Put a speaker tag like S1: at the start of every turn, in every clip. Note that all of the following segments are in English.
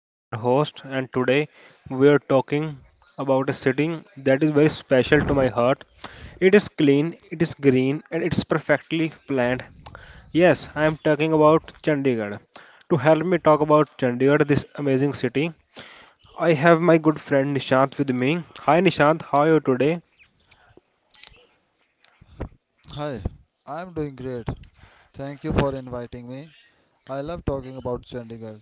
S1: I'm your host, and today we are talking about a city that is very special to my heart. It is clean, it is green, and it's perfectly planned. Yes, I am talking about Chandigarh. To help me talk about Chandigarh, this amazing city, I have my good friend Nishant with me. Hi Nishant, how are you today?
S2: Hi, I'm doing great. Thank you for inviting me. I love talking about Chandigarh.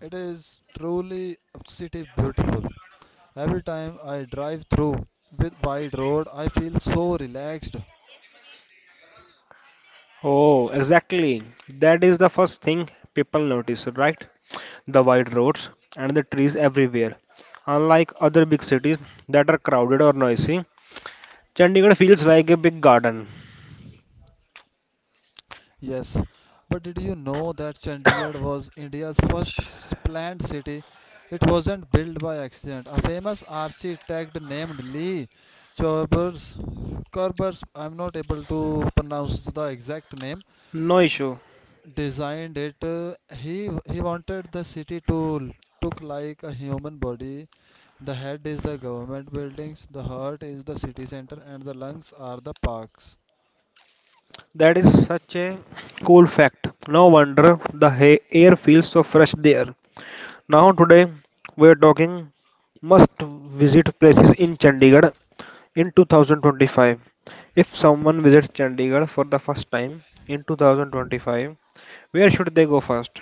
S2: It is truly a city beautiful. Every time I drive through with wide road, I feel so relaxed.
S1: Oh, exactly. That is the first thing people notice, right? The wide roads, and the trees everywhere. Unlike other big cities that are crowded or noisy, Chandigarh feels like a big garden.
S2: Yes, but did you know that Chandigarh was India's first planned city? It wasn't built by accident. A famous architect named Lee Chorbers, Corbers, I'm not able to pronounce the exact name,
S1: No issue.
S2: designed it. He wanted the city to l- look like a human body. The head is the government buildings, the heart is the city center, and the lungs are the parks.
S1: That is such a cool fact. No wonder the air feels so fresh there. Now, today we are talking must visit places in Chandigarh in 2025. If someone visits Chandigarh for the first time in 2025, where should they go first?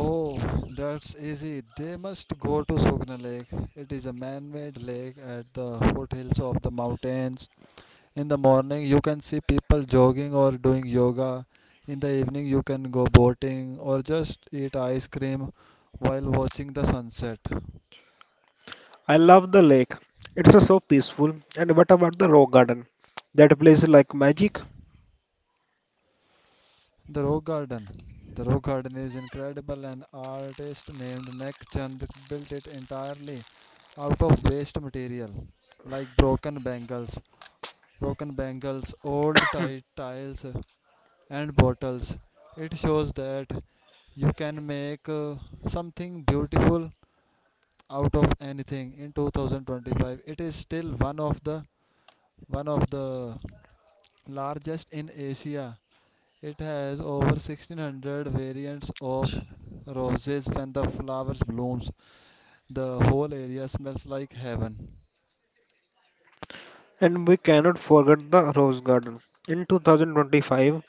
S2: Oh, that's easy. They must go to Sugna Lake. It is a man-made lake at the foothills of the mountains. In the morning, you can see people jogging or doing yoga. In the evening, you can go boating or just eat ice cream while watching the sunset.
S1: I love the lake. It's so peaceful. And what about the Rose Garden? That place is like magic.
S2: The Rock Garden. The Rock Garden is incredible. An artist named Nek Chand built it entirely out of waste material like broken bangles, old tiles, and bottles. It shows that you can make something beautiful out of anything. In 2025, it is still one of the largest in Asia. It has over 1600 variants of roses when the flowers blooms. The whole area smells like heaven.
S1: And we cannot forget the Rose Garden. In 2025,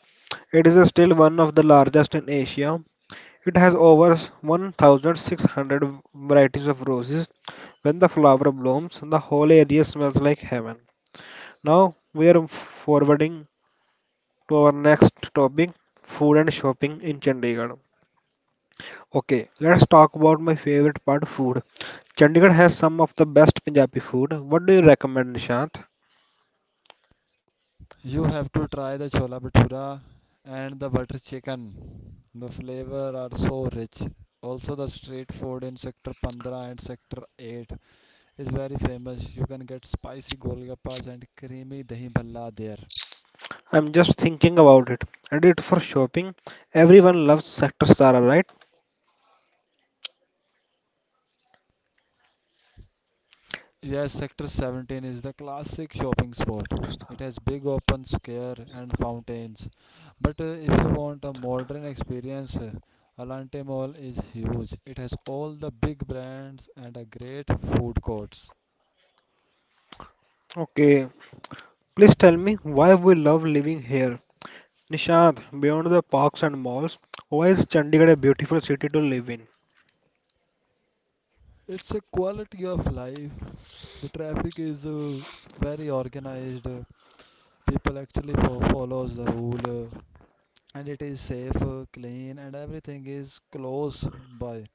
S1: it is still one of the largest in Asia. It has over 1,600 varieties of roses. When the flower blooms, the whole area smells like heaven. Now we are forwarding to our next topic food and shopping in Chandigarh. Okay, let's talk about my favorite part food. Chandigarh has some of the best Punjabi food. What do you recommend, Nishant?
S2: You have to try the chola bhatura and the butter chicken. The flavor are so rich. Also the street food in sector 15 and sector 8 is very famous. You can get spicy golgappas and creamy dahi bhalla there.
S1: I'm just thinking about it. And it for shopping. Everyone loves Sector Sara, right?
S2: Yes, Sector 17 is the classic shopping spot. It has big open square and fountains. But if you want a modern experience, Alante Mall is huge. It has all the big brands and a great food courts.
S1: Okay, please tell me why we love living here. Nishant, beyond the parks and malls, why is Chandigarh a beautiful city to live in?
S2: It's a quality of life. The traffic is very organized. People actually follows the rule, and it is safe, clean, and everything is close by.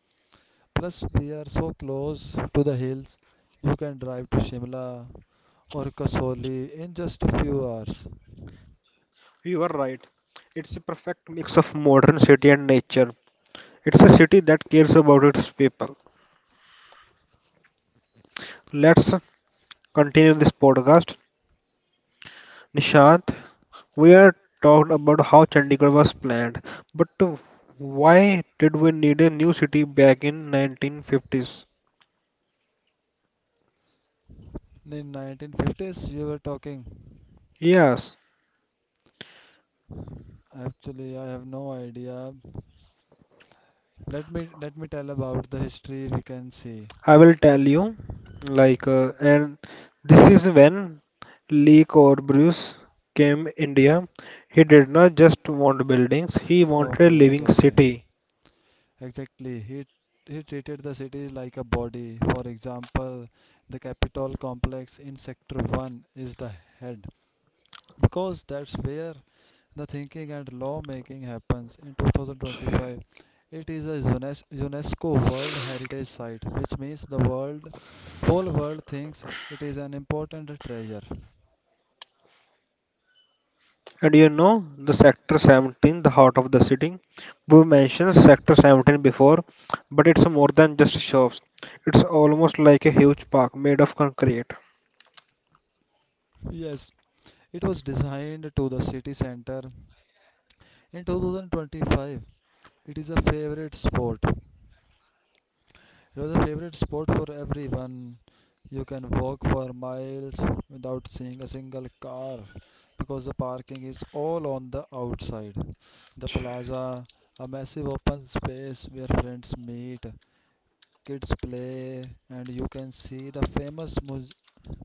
S2: Plus, we are so close to the hills. You can drive to Shimla or Kasoli in just a few hours.
S1: You are right. It's a perfect mix of modern city and nature. It's a city that cares about its people. Let's continue this podcast. Nishant, we are talked about how Chandigarh was planned, but why did we need a new city back in 1950s?
S2: In 1950s, you were talking.
S1: Yes,
S2: Actually, I have no idea. Let me tell about the history we can see.
S1: I will tell you. Like, and this is when Lee Corbusier came India. He did not just want buildings; he wanted a
S2: Okay, okay,
S1: living
S2: okay.
S1: city.
S2: Exactly. He treated the city like a body. For example, the Capitol complex in Sector 1 is the head, because that's where the thinking and lawmaking happens. In 2025, it is a UNESCO World Heritage Site, which means the world whole world thinks it is an important treasure.
S1: And you know, the Sector 17, the heart of the city. We mentioned Sector 17 before, but it's more than just shops. It's almost like a huge park made of concrete.
S2: Yes, it was designed to the city center. In 2025, it is a favorite sport it was a favorite sport for everyone. You can walk for miles without seeing a single car because the parking is all on the outside. The plaza, a massive open space where friends meet, kids play, and you can see the famous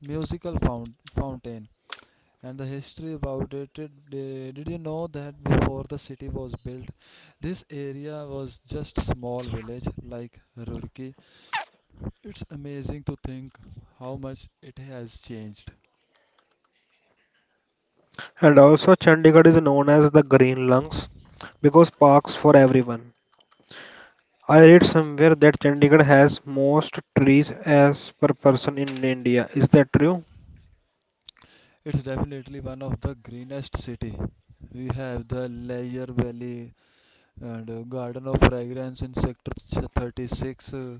S2: musical fountain, and the history about it. Did you know that before the city was built, this area was just small village like Roorkee? It's amazing to think how much it has changed.
S1: And also, Chandigarh is known as the Green Lungs because parks for everyone. I read somewhere that Chandigarh has most trees as per person in India. Is that true?
S2: It's definitely one of the greenest city. We have the Layer Valley and Garden of Fragrance in Sector 36, uh,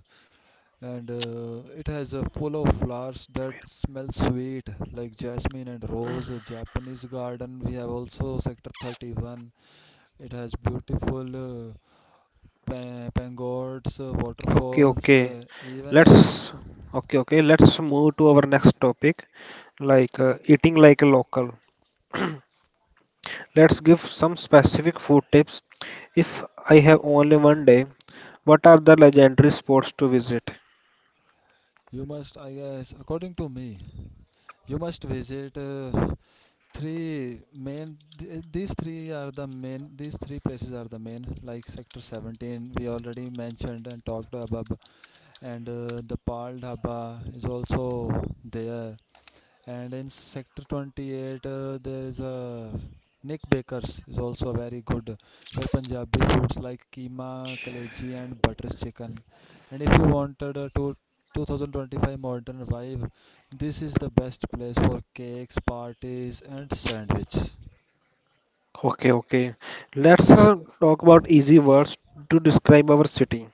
S2: and uh, it has a full of flowers that smell sweet, like jasmine and rose. A Japanese garden we have also Sector 31. It has beautiful pagodas,
S1: Okay,
S2: waterfalls,
S1: okay.
S2: even
S1: Let's
S2: an...
S1: okay. Let's move to our next topic, like eating like a local. Let's give some specific food tips. If I have only one day, what are the legendary spots to visit?
S2: You must, I guess, according to me, you must visit three main th- these three are the main these three places are the main, like sector 17, we already mentioned and talked about, and the Pearl Dhaba is also there, and in sector 28, there is a Nick Baker's is also very good, where Punjabi foods like keema, kaleji and butters chicken. And if you wanted a to 2025 modern vibe, this is the best place for cakes parties and sandwiches.
S1: Okay, okay. Let's talk about easy words to describe our city.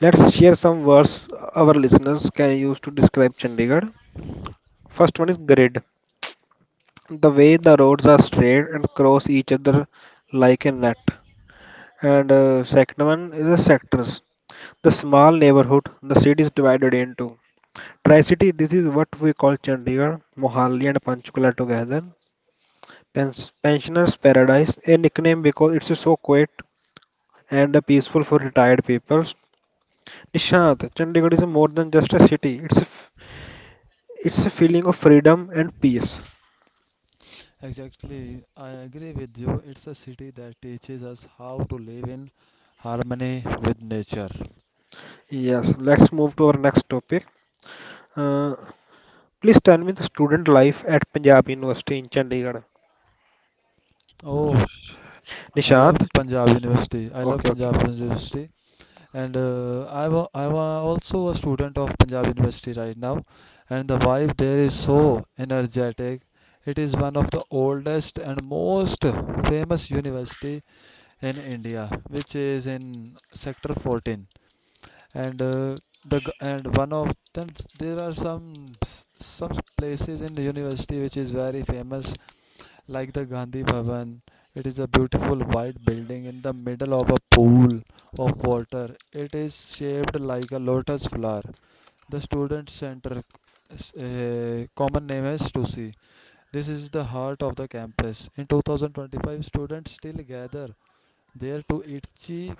S1: Let's share some words our listeners can use to describe Chandigarh. First one is grid. The way the roads are straight and cross each other like a net. And second one is the sectors. The small neighborhood the city is divided into. Tri-city, this is what we call Chandigarh, Mohali and Panchkula together. Pens- Pensioners Paradise, a nickname because it's so quiet and peaceful for retired people. Nishant, Chandigarh is more than just a city. It's a feeling of freedom and peace.
S2: Exactly, I agree with you. It's a city that teaches us how to live in harmony with nature.
S1: Yes, let's move to our next topic. Uh, Please tell me the student life at Punjab University in Chandigarh.
S2: Oh,
S1: Nishant,
S2: I love
S1: okay, okay.
S2: Punjab University. And I'm also a student of Punjab University right now, and the vibe there is so energetic. It is one of the oldest and most famous university in India, which is in Sector 14, and one of them, there are some places in the university which is very famous, like the Gandhi Bhavan. It is a beautiful white building in the middle of a pool of water. It is shaped like a lotus flower. The student center, common name is STUSI. This is the heart of the campus. In 2025, students still gather there to eat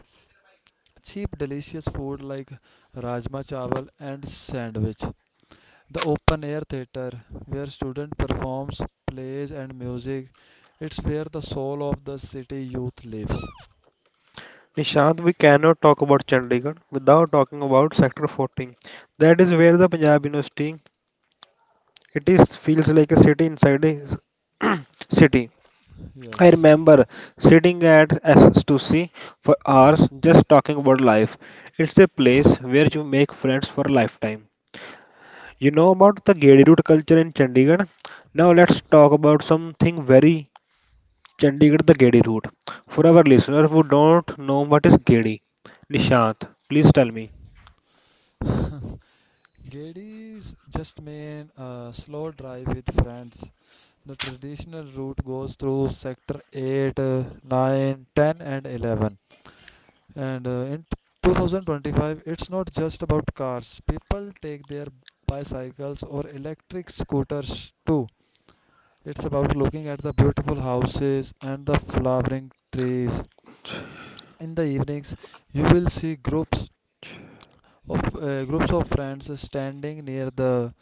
S2: cheap, delicious food like rajma chawal and sandwich. The open air theater where student performs plays and music. It's where the soul of the city youth lives.
S1: Nishant, we cannot talk about Chandigarh without talking about Sector 14. That is where the Punjab University It is feels like a city inside a city. I
S2: Yes.
S1: remember sitting at S2C for hours just talking about life. It's a place where you make friends for a lifetime. You know about the Gedi root culture in Chandigarh? Now let's talk about something very Chandigarh the Gedi root. For our listeners who don't know what is Gedi, Nishant, please tell me.
S2: Gedi's just mean a slow drive with friends. The traditional route goes through sector 8, 9, 10 and 11. And in 2025, it's not just about cars. People take their bicycles or electric scooters too. It's about looking at the beautiful houses and the flowering trees. In the evenings, you will see groups of friends standing near the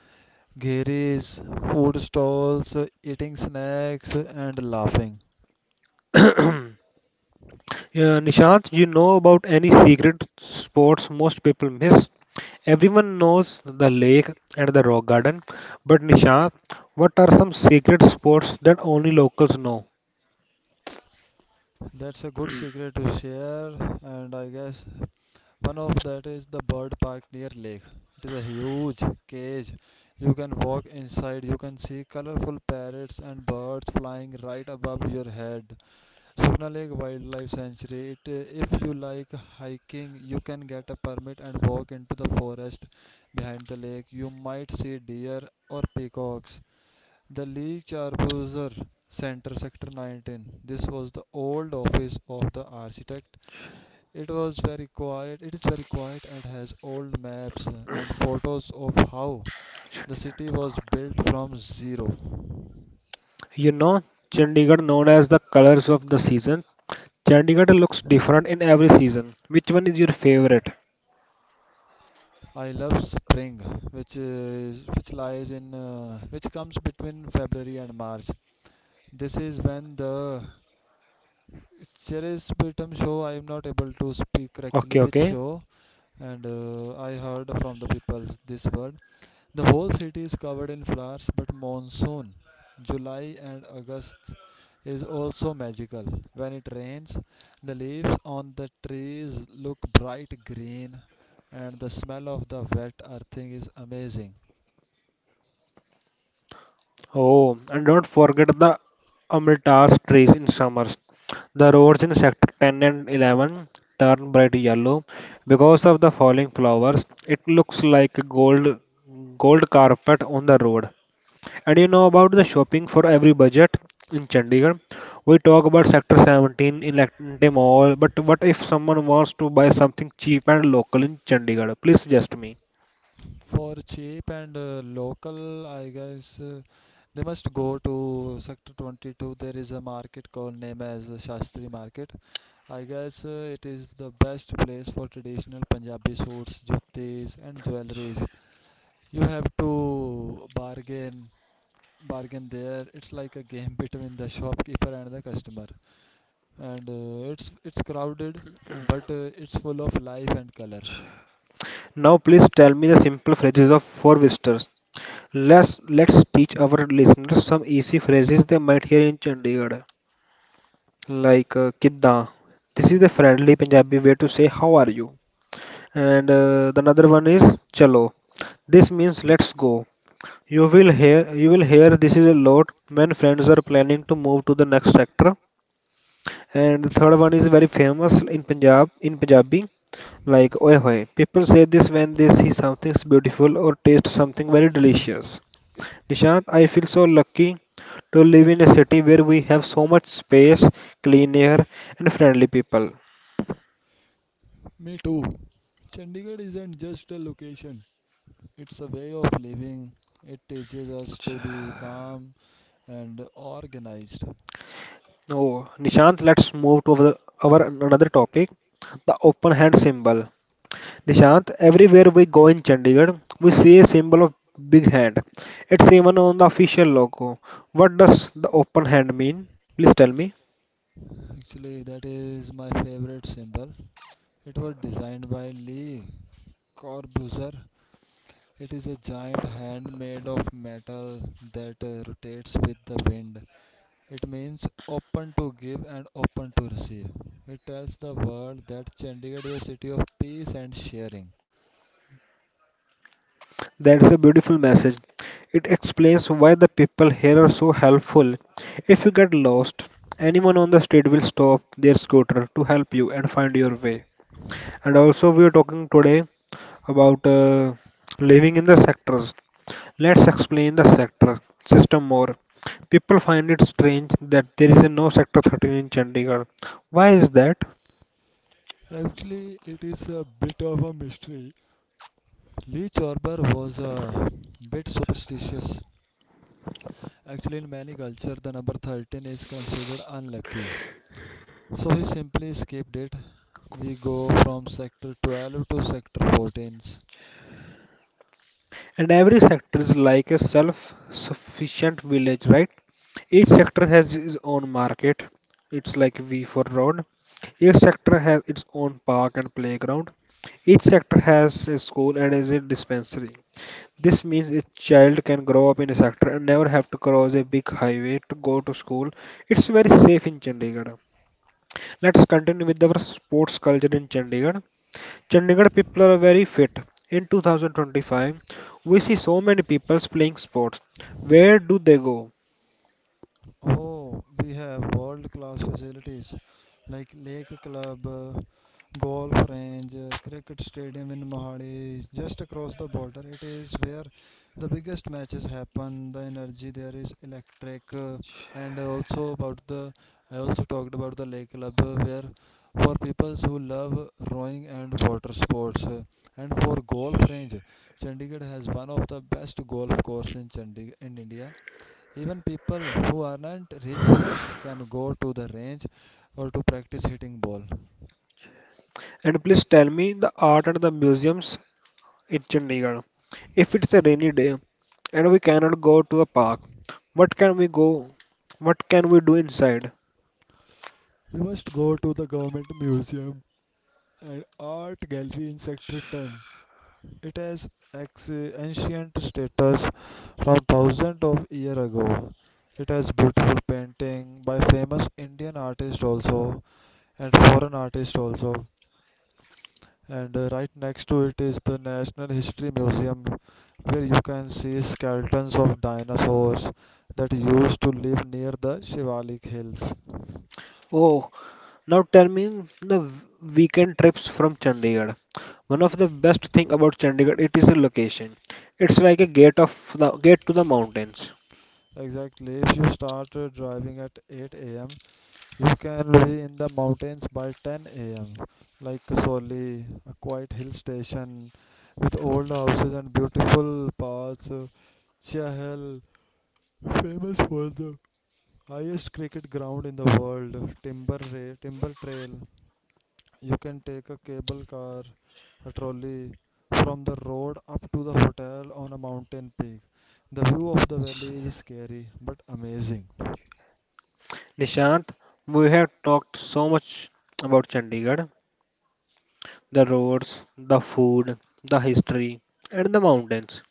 S2: gheris, food stalls, eating snacks and laughing.
S1: Yeah, Nishant, you know about any secret sports most people miss? Everyone knows the lake and the rock garden, but Nisha, what are some secret spots that only locals know?
S2: That's a good secret to share, and I guess one of that is the bird park near lake. It is a huge cage. You can walk inside. You can see colorful parrots and birds flying right above your head. Sona Lake Wildlife Sanctuary. It, if you like hiking, you can get a permit and walk into the forest behind the lake. You might see deer or peacocks. The Lee Corbusier Center, Sector 19. This was the old office of the architect. It was very quiet. It is very quiet and has old maps and photos of how the city was built from zero.
S1: You know, Chandigarh known as the colors of the season. Chandigarh looks different in every season. Which one is your favorite?
S2: I love spring, which is which lies in which comes between February and March. This is when the cherries Britam show. I am not able to speak correctly
S1: Okay,
S2: which
S1: okay.
S2: show, and I heard from the people this word. The whole city is covered in flowers, but monsoon, July and August, is also magical. When it rains, the leaves on the trees look bright green, and the smell of the wet earthing is amazing.
S1: Oh, and don't forget the Amritas trees in summers. The roads in Sector 10 and 11 turn bright yellow because of the falling flowers. It looks like a gold carpet on the road. And you know about the shopping for every budget in Chandigarh. We talk about Sector 17 in Elante Mall, but what if someone wants to buy something cheap and local in Chandigarh? Please suggest me.
S2: For cheap and local, I guess they must go to Sector 22. There is a market called named as the Shastri Market. I guess it is the best place for traditional Punjabi suits, juttis, and jewelries. You have to bargain there. It's like a game between the shopkeeper and the customer, and it's crowded, but it's full of life and color.
S1: Now, please tell me the simple phrases of four visitors. Let's teach our listeners some easy phrases they might hear in Chandigarh, like "kidda." This is a friendly Punjabi way to say "How are you?" And the another one is "chalo." This means "Let's go." You will hear this is a lot when friends are planning to move to the next sector. And the third one is very famous in Punjabi, like "oye hoye." People say this when they see something beautiful or taste something very delicious. Nishant, I feel so lucky to live in a city where we have so much space, clean air, and friendly people.
S2: Me too. Chandigarh isn't just a location. It's a way of living. It teaches us to be calm and organized.
S1: Oh, Nishant, let's move to our another topic, the open hand symbol. Nishant, everywhere we go in Chandigarh, we see a symbol of big hand. It's even on the official logo. What does the open hand mean? Please tell me.
S2: Actually, that is my favorite symbol. It was designed by Lee Corbusier. It is a giant hand made of metal that rotates with the wind. It means open to give and open to receive. It tells the world that Chandigarh is a city of peace and sharing.
S1: That's a beautiful message. It explains why the people here are so helpful. If you get lost, anyone on the street will stop their scooter to help you and find your way. And also, we are talking today about living in the sectors. Let's explain the sector system more. People find it strange that there is a no sector 13 in Chandigarh. Why is that?
S2: Actually, it is a bit of a mystery. Lee Chorber was a bit superstitious. Actually, in many cultures, the number 13 is considered unlucky. So he simply skipped it. We go from sector 12 to sector 14.
S1: And every sector is like a self sufficient village, right? Each sector has its own market. It's like V for road. Each sector has its own park and playground. Each sector has a school and is a dispensary. This means a child can grow up in a sector and never have to cross a big highway to go to school. It's very safe in Chandigarh. Let's continue with our sports culture in Chandigarh. Chandigarh people are very fit. In 2025, we see so many people playing sports. Where do they go?
S2: Oh, we have world class facilities like Lake Club, golf range, cricket stadium in Mohali, just across the border. It is where the biggest matches happen. The energy there is electric. And also about the I also talked about the Lake Club, where for people who love rowing and water sports, and for golf range, Chandigarh has one of the best golf course in Chandigarh in India. Even people who aren't rich can go to the range or to practice hitting ball.
S1: And please tell me the art and the museums in Chandigarh. If it's a rainy day and we cannot go to a park, what can we go? What can we do inside?
S2: You must go to the government museum and art gallery in sector 10. It has ancient status from thousands of years ago. It has beautiful painting by famous Indian artists also and foreign artists also. And right next to it is the National History Museum, where you can see skeletons of dinosaurs that used to live near the Shivalik Hills.
S1: Oh, now tell me the weekend trips from Chandigarh. One of the best thing about Chandigarh, it is a location. It's like a gate of the gate to the mountains.
S2: Exactly, if you start driving at 8 a.m., you can be in the mountains by 10 a.m., like Kasoli, a quiet hill station with old houses and beautiful paths. Chahal, famous for the highest cricket ground in the world. Timber, Timber Trail, you can take a cable car, a trolley from the road up to the hotel on a mountain peak. The view of the valley is scary but amazing.
S1: Nishant, we have talked so much about Chandigarh, the roads, the food, the history, and the mountains.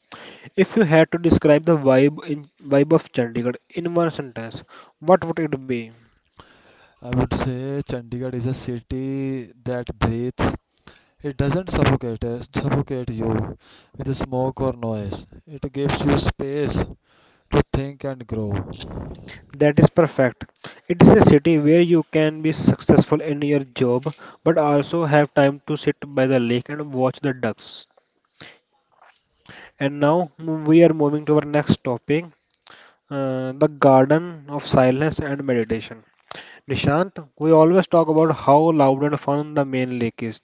S1: If you had to describe the vibe of Chandigarh in one sentence, what would it be?
S2: I would say Chandigarh is a city that breathes. It doesn't suffocate you with smoke or noise. It gives you space to think and grow.
S1: That is perfect. It is a city where you can be successful in your job but also have time to sit by the lake and watch the ducks. And now we are moving to our next topic, the Garden of Silence and Meditation. Nishant, we always talk about how loud and fun the main lake is,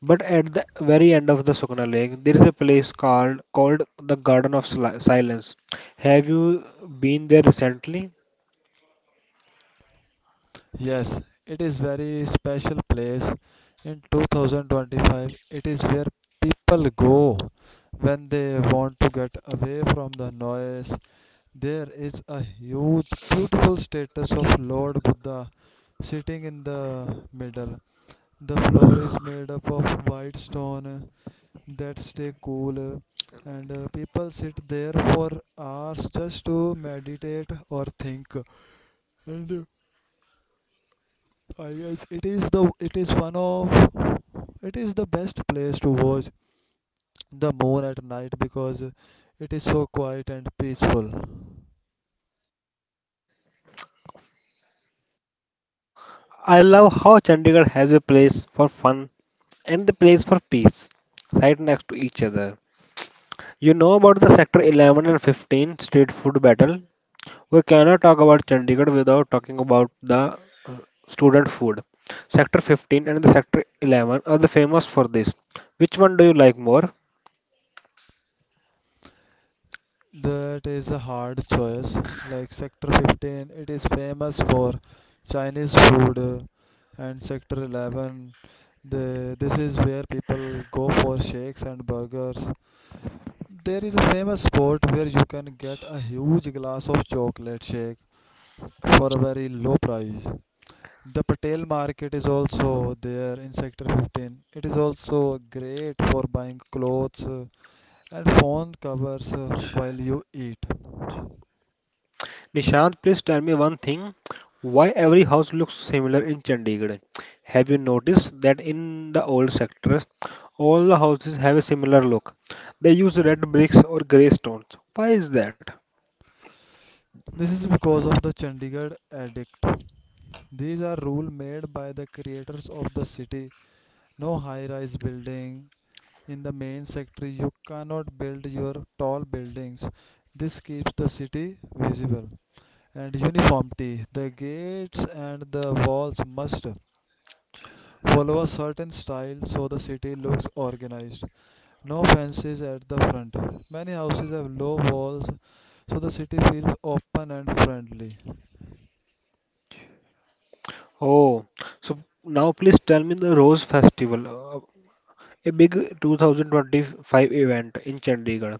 S1: but at the very end of the Sukna Lake, there is a place called the Garden of Silence. Have you been there recently?
S2: Yes, it is very special place. In 2025, it is where people go when they want to get away from the noise. There is a huge, beautiful status of Lord Buddha sitting in the middle. The floor is made up of white stone that stay cool and people sit there for hours just to meditate or think. And I guess it is the it is one of it is the best place to watch the moon at night because it is so quiet and peaceful.
S1: I love how Chandigarh has a place for fun and the place for peace, right next to each other. You know about the Sector 11 and 15 street food battle? We cannot talk about Chandigarh without talking about the student food. Sector 15 and the Sector 11 are the famous for this. Which one do you like more?
S2: That is a hard choice. Like Sector 15, it is famous for Chinese food, and Sector 11, the this is where people go for shakes and burgers. There is a famous spot where you can get a huge glass of chocolate shake for a very low price. The Patel market is also there in Sector 15. It is also great for buying clothes and phone covers while you eat.
S1: Nishant, please tell me one thing. Why every house looks similar in Chandigarh? Have you noticed that in the old sectors, all the houses have a similar look? They use red bricks or grey stones. Why is that?
S2: This is because of the Chandigarh addict. These are rules made by the creators of the city. No high rise building in the main sector. You cannot build your tall buildings. This keeps the city visible. And uniformity. The gates and the walls must follow a certain style so the city looks organized. No fences at the front. Many houses have low walls so the city feels open and friendly.
S1: Oh, so now please tell me the Rose Festival. A big 2025 event in Chandigarh.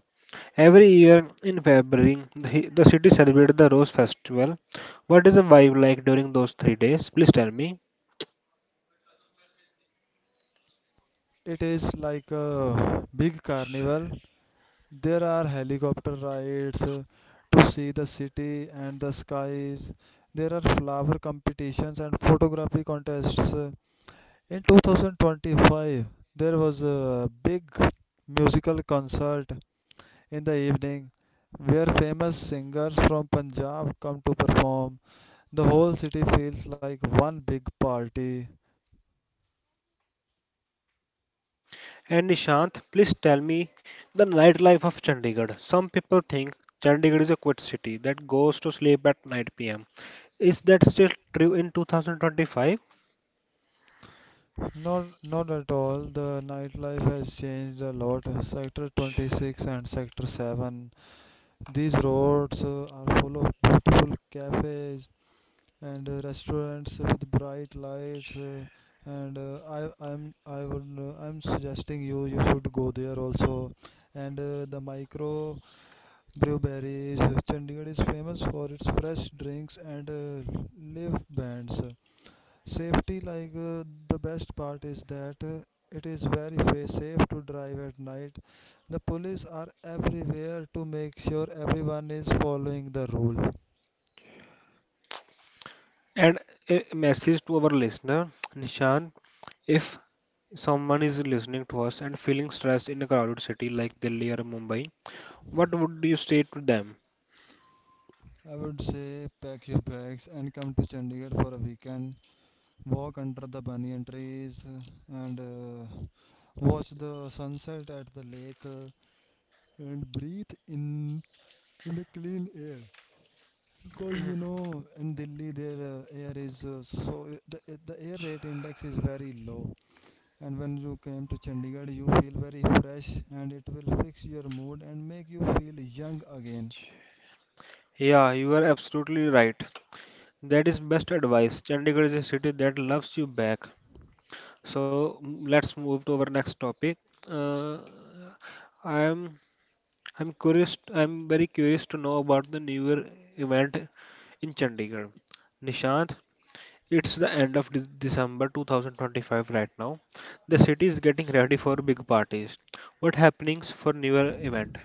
S1: Every year in February, the city celebrates the Rose Festival. What is the vibe like during those three days? Please tell me.
S2: It is like a big carnival. There are helicopter rides to see the city and the skies. There are flower competitions and photography contests. In 2025, there was a big musical concert in the evening, where famous singers from Punjab come to perform. The whole city feels like one big party.
S1: And Nishant, please tell me the nightlife of Chandigarh. Some people think Chandigarh is a quiet city that goes to sleep at 9 pm. Is that still true in 2025?
S2: Not at all. The nightlife has changed a lot. Sector 26 and Sector 7. These roads are full of beautiful cafes and restaurants with bright lights. And I, I'm, I would, I'm suggesting you should go there also. And the micro breweries. Chandigarh is famous for its fresh drinks and live bands. Safety, like the best part is that it is very safe to drive at night. The police are everywhere to make sure everyone is following the rule.
S1: And a message to our listener, Nishant, if someone is listening to us and feeling stressed in a crowded city like Delhi or Mumbai, what would you say to them?
S2: I would say pack your bags and come to Chandigarh for a weekend. Walk under the banyan trees and watch the sunset at the lake and breathe in the clean air. Because in Delhi, their air is the air rate index is very low, and when you came to Chandigarh, you feel very fresh, and it will fix your mood and make you feel young again.
S1: Yeah, you are absolutely right. That is best advice. Chandigarh is a city that loves you back. So mm, let's move to our next topic. Uh, I'm I'm curious. I'm very curious to know about the newer event in Chandigarh. Nishant, it's the end of December 2025 right now. The city is getting ready for big parties. What happenings for newer event?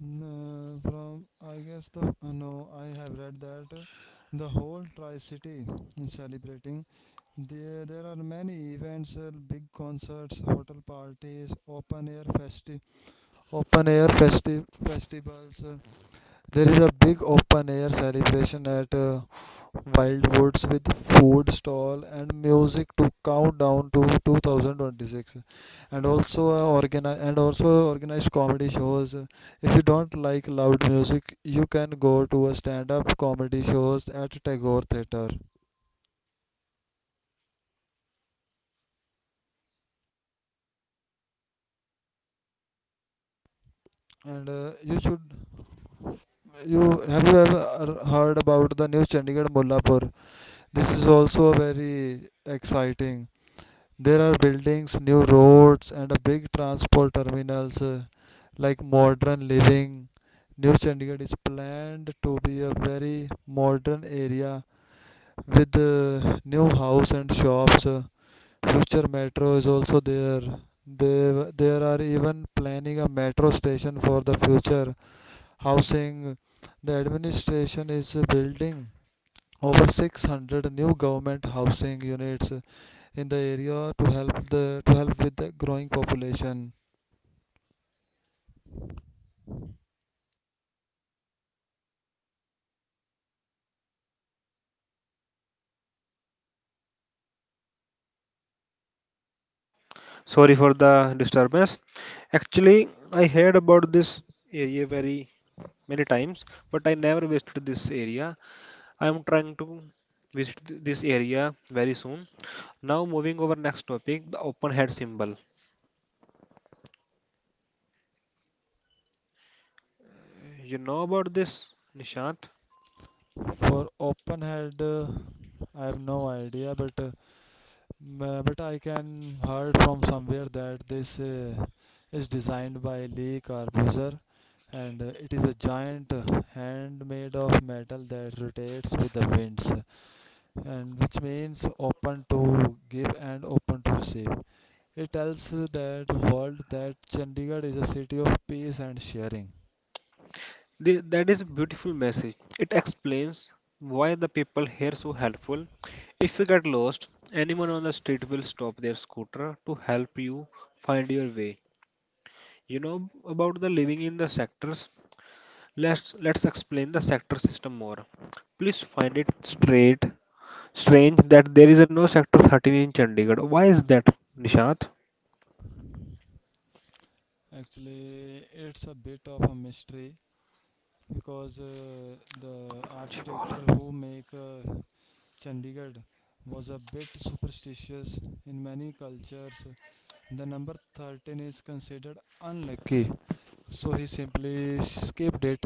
S2: N- from I guess the no, I have read that the whole tri-city is celebrating. There are many events, big concerts, hotel parties, open air festivals. There is a big open air celebration at Wildwoods with food stall and music to count down to 2026, and also and also organized comedy shows. If you don't like loud music, you can go to a stand up comedy shows at Tagore Theatre. And you should, you have you ever heard about the new Chandigarh Mullapur? This is also a very exciting. There are buildings, new roads, and a big transport terminals like modern living. New Chandigarh is planned to be a very modern area with new house and shops. Future metro is also there. There are even planning a metro station for the future housing. The administration is building over 600 new government housing units in the area to help with the growing population.
S1: Sorry for the disturbance. Actually, I heard about this area very many times, but I never visited this area. I'm trying to visit this area very soon. Now moving over next topic, the open head symbol. You know about this, Nishant?
S2: For open head I have no idea, but but I can heard from somewhere that this is designed by Lee Corbusier, and it is a giant hand made of metal that rotates with the winds, and which means open to give and open to receive. He tells that world that Chandigarh is a city of peace and sharing.
S1: That is a beautiful message. It explains why the people here so helpful. If you get lost, anyone on the street will stop their scooter to help you find your way. You know about the living in the sectors? Let's explain the sector system more. Please find it straight strange that there is a no sector 13 in Chandigarh. Why is that, Nishant?
S2: Actually, it's a bit of a mystery because the
S1: ji,
S2: architect
S1: बोलो।
S2: who make Chandigarh was a bit superstitious in many cultures. The number 13 is considered unlucky, so he simply skipped it.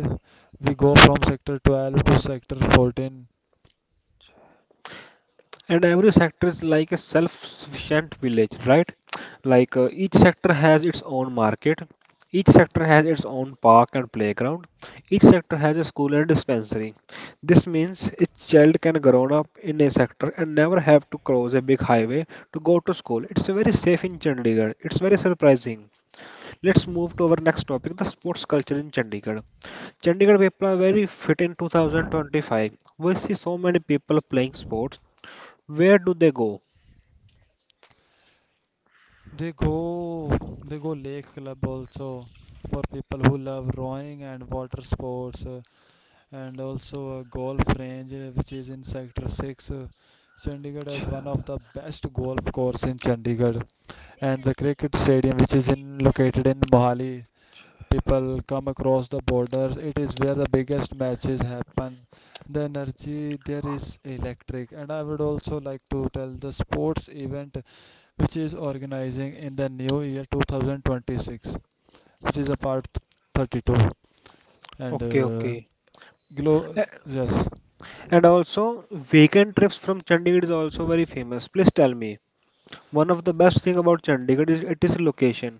S2: We go from sector 12 to sector 14.
S1: And every sector is like a self-sufficient village, right? Like each sector has its own market. Each sector has its own park and playground. Each sector has a school and dispensary. This means a child can grow up in a sector and never have to cross a big highway to go to school. It's very safe in Chandigarh. It's very surprising. Let's move to our next topic, the sports culture in Chandigarh. Chandigarh people are very fit. In 2025, we see so many people playing sports. Where do they go?
S2: They go they go lake club also, for people who love rowing and water sports, and also a golf range, which is in sector 6. Chandigarh has one of the best golf course in Chandigarh, and the cricket stadium which is in located in Mohali. People come across the borders; it is where the biggest matches happen. The energy there is electric. And I would also like to tell the sports event which is organizing in the new year 2026, which is a part 32. And
S1: Okay, okay.
S2: glow,
S1: A-
S2: yes,
S1: And also, weekend trips from Chandigarh is also very famous. Please tell me, one of the best thing about Chandigarh is it is location.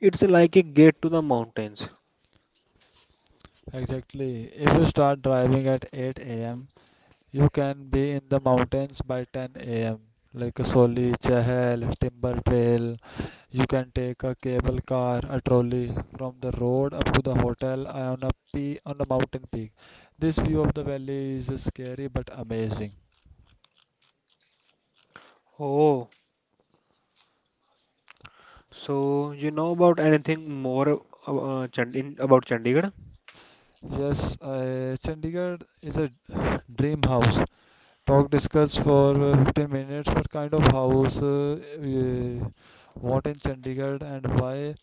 S1: It's like a gate to the mountains.
S2: exactly. If you start driving at 8 a.m., you can be in the mountains by 10 a.m. Like Soli, Chahal, Timber Trail. You can take a cable car, a trolley from the road up to the hotel on a on a mountain peak. This view of the valley is scary but amazing.
S1: Oh, so you know about anything more about Chandigarh?
S2: Yes, Chandigarh is a dream house. Talk discussed for 15 minutes what kind of house, what in Chandigarh and why,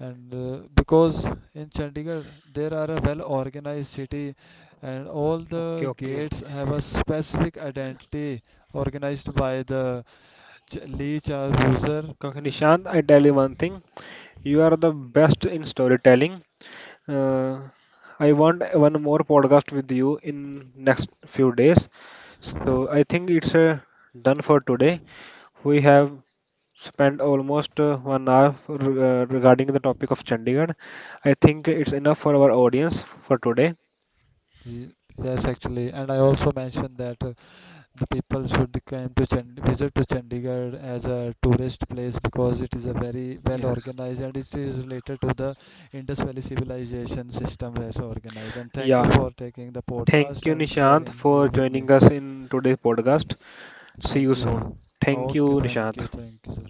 S2: and because in Chandigarh there are a well organized city and all
S1: Okay,
S2: the
S1: okay.
S2: gates have a specific identity organized by the Lee Char user.
S1: Okay, okay. Nishant, I tell you one thing. You are the best in storytelling. Uh, I want one more podcast with you in next few days. So I think it's done for today. We have spent almost one hour regarding the topic of Chandigarh. I think it's enough for our audience for today.
S2: Yes, actually, and I also mentioned that. The people should come to visit to Chandigarh as a tourist place, because it is a very well
S1: Yes.
S2: organized and it is related to the Indus Valley civilization system as organized. And thank you
S1: Yeah,
S2: for taking the
S1: thank
S2: podcast
S1: you,
S2: and
S1: Nishant,
S2: sharing you
S1: for
S2: with
S1: joining
S2: me.
S1: us in today's podcast. See you
S2: Thank
S1: soon.
S2: you.
S1: Thank
S2: Okay,
S1: you, Nishant.
S2: thank you, sir.